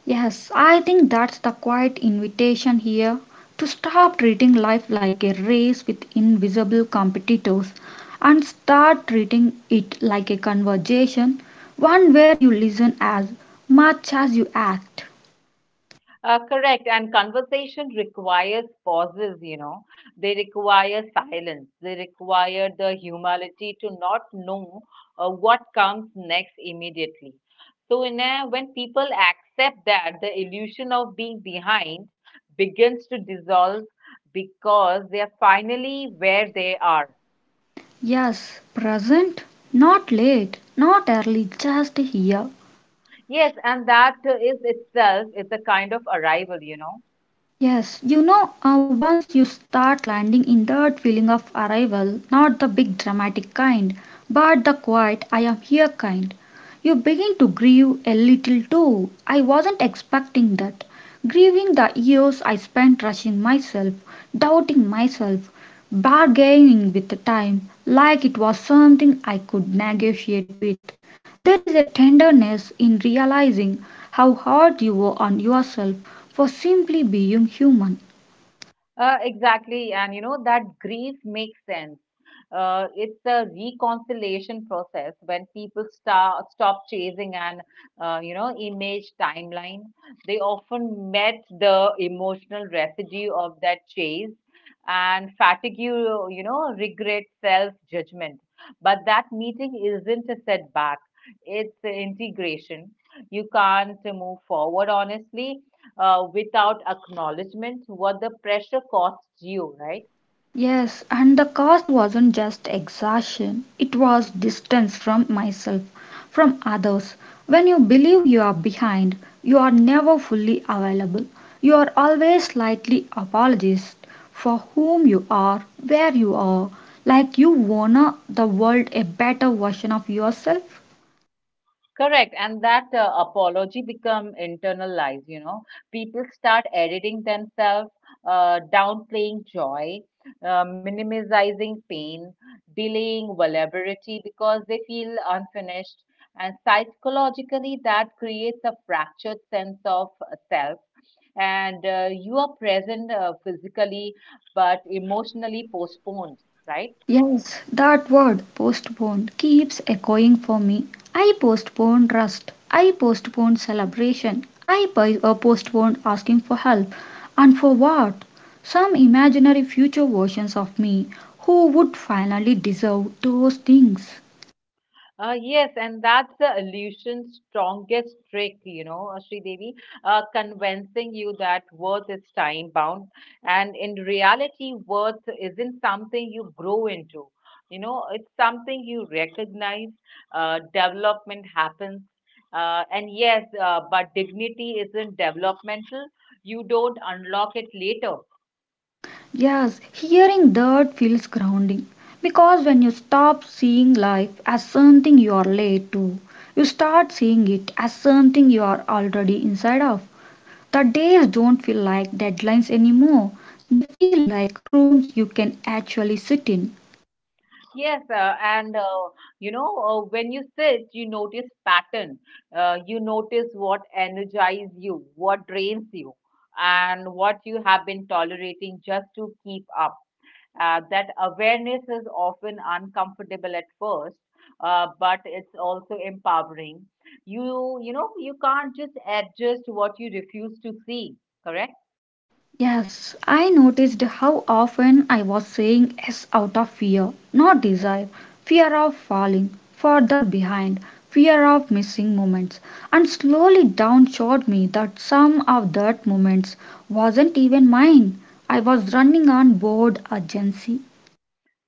[SPEAKER 1] Yes, I think that's the quiet invitation here to stop treating life like a race with invisible competitors and start treating it like a conversation, one where you listen as much as you act.
[SPEAKER 2] Correct. And conversation requires pauses, you know. They require silence. They require the humility to not know what comes next immediately. So, in a, when people accept that, the illusion of being behind begins to dissolve because they are finally where they are.
[SPEAKER 1] Yes, present, not late, not early, just here.
[SPEAKER 2] Yes, and that is itself is a kind of arrival, you know.
[SPEAKER 1] Yes, once you start landing in that feeling of arrival, not the big dramatic kind, but the quiet, I am here kind, you begin to grieve a little too. I wasn't expecting that. Grieving the years I spent rushing myself, doubting myself, bargaining with the time like it was something I could negotiate with. There is a tenderness in realizing how hard you were on yourself for simply being human.
[SPEAKER 2] Exactly, and you know that grief makes sense. It's a reconciliation process when people start stop chasing an image timeline. They often met the emotional residue of that chase and fatigue, you know, regret, self judgment. But that meeting isn't a setback; it's integration. You can't move forward honestly without acknowledgement what the pressure costs you, right?
[SPEAKER 1] Yes, and the cost wasn't just exhaustion, it was distance from myself, from others. When you believe you are behind, you are never fully available. You are always slightly apologist for whom you are, where you are, like you wanna the world a better version of yourself.
[SPEAKER 2] Correct, and that apology become internalized, you know, people start editing themselves, downplaying joy, minimizing pain, delaying vulnerability because they feel unfinished, and psychologically that creates a fractured sense of self. And you are present physically but emotionally postponed, right?
[SPEAKER 1] Yes, that word postpone keeps echoing for me. I postpone rest. I postpone celebration. I postpone asking for help. And for what? Some imaginary future versions of me who would finally deserve those things.
[SPEAKER 2] Yes, and that's the illusion's strongest trick, you know, Devi. Convincing you that worth is time bound. And in reality, worth isn't something you grow into, you know, it's something you recognize. Development happens. And yes, but dignity isn't developmental. You don't unlock it later.
[SPEAKER 1] Yes, hearing that feels grounding. Because when you stop seeing life as something you are late to, you start seeing it as something you are already inside of. The days don't feel like deadlines anymore. They feel like rooms you can actually sit in.
[SPEAKER 2] Yes, and you know, when you sit, you notice pattern. You notice what energizes you, what drains you, and what you have been tolerating just to keep up. That awareness is often uncomfortable at first, but it's also empowering. You know, you can't just adjust what you refuse to see, correct?
[SPEAKER 1] Yes, I noticed how often I was saying yes out of fear, not desire, fear of falling further behind, fear of missing moments. And slowly down showed me that some of that moments wasn't even mine. I was running on board urgency.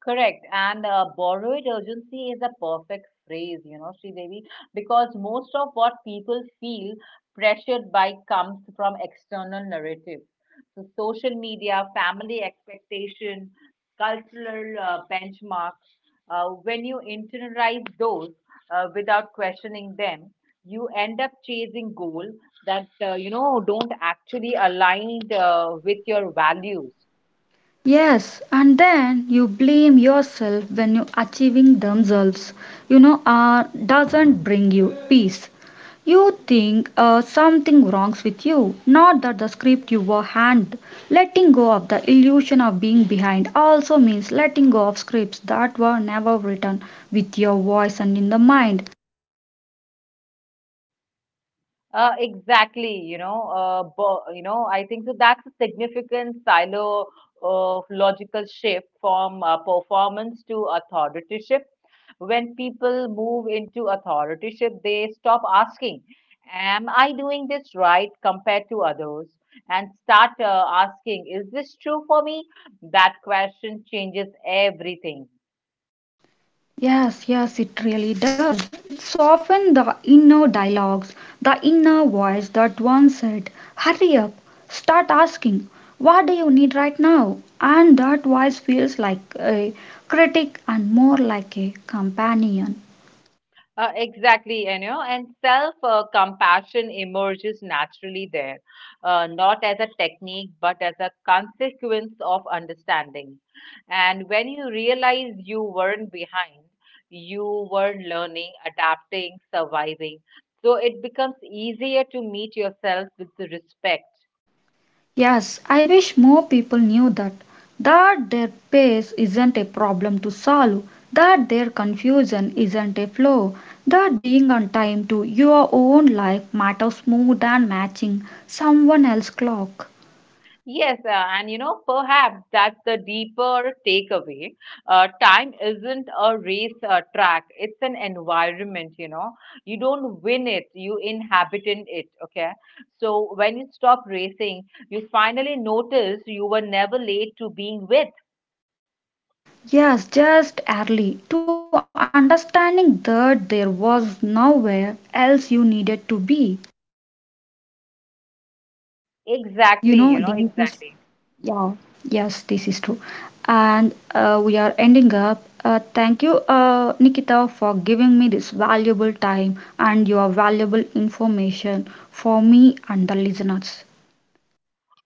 [SPEAKER 2] Correct. And borrowed urgency is a perfect phrase, you know, Sridevi, because most of what people feel pressured by comes from external narratives. So social media, family expectation, cultural benchmarks. When you internalize those without questioning them, you end up chasing goals that, don't actually align with your values.
[SPEAKER 1] Yes, and then you blame yourself when you achieving themselves, doesn't bring you peace. You think something wrongs with you, not that the script you were hand. Letting go of the illusion of being behind also means letting go of scripts that were never written with your voice and in the mind.
[SPEAKER 2] Exactly, you know, I think so that's a significant silo of logical shift from performance to authoritative. When people move into authoritative, they stop asking, "Am I doing this right?" compared to others, and start asking, "Is this true for me?" That question changes everything.
[SPEAKER 1] Yes, yes, it really does. It softens the inner dialogues, the inner voice that once said, Hurry up, start asking, What do you need right now? And that voice feels like a critic and more like a companion.
[SPEAKER 2] Exactly, you know, and self compassion emerges naturally there, not as a technique but as a consequence of understanding. And when you realize you weren't behind, you were learning, adapting, surviving. So it becomes easier to meet yourself with the respect.
[SPEAKER 1] Yes, I wish more people knew that. That their pace isn't a problem to solve, that their confusion isn't a flaw, that being on time to your own life matters more than matching someone else's clock.
[SPEAKER 2] Yes, and you know, perhaps that's the deeper takeaway. Time isn't a race track, it's an environment, you know. You don't win it, you inhabit in it, okay? So when you stop racing, you finally notice you were never late to being with.
[SPEAKER 1] Yes, just early to understanding that there was nowhere else you needed to be. You know,
[SPEAKER 2] Exactly, you
[SPEAKER 1] this
[SPEAKER 2] know,
[SPEAKER 1] is
[SPEAKER 2] exactly.
[SPEAKER 1] Yeah, yes, this is true. And we are ending up. Thank you, Nikita, for giving me this valuable time and your valuable information for me and the listeners.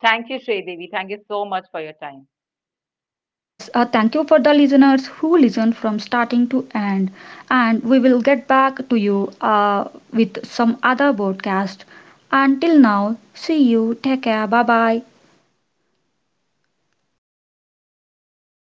[SPEAKER 2] Thank you, Sri Devi. Thank you so much for your time.
[SPEAKER 1] Yes, thank you for the listeners who listened from starting to end. And we will get back to you with some other broadcast. Until now, see you. Take care. Bye bye.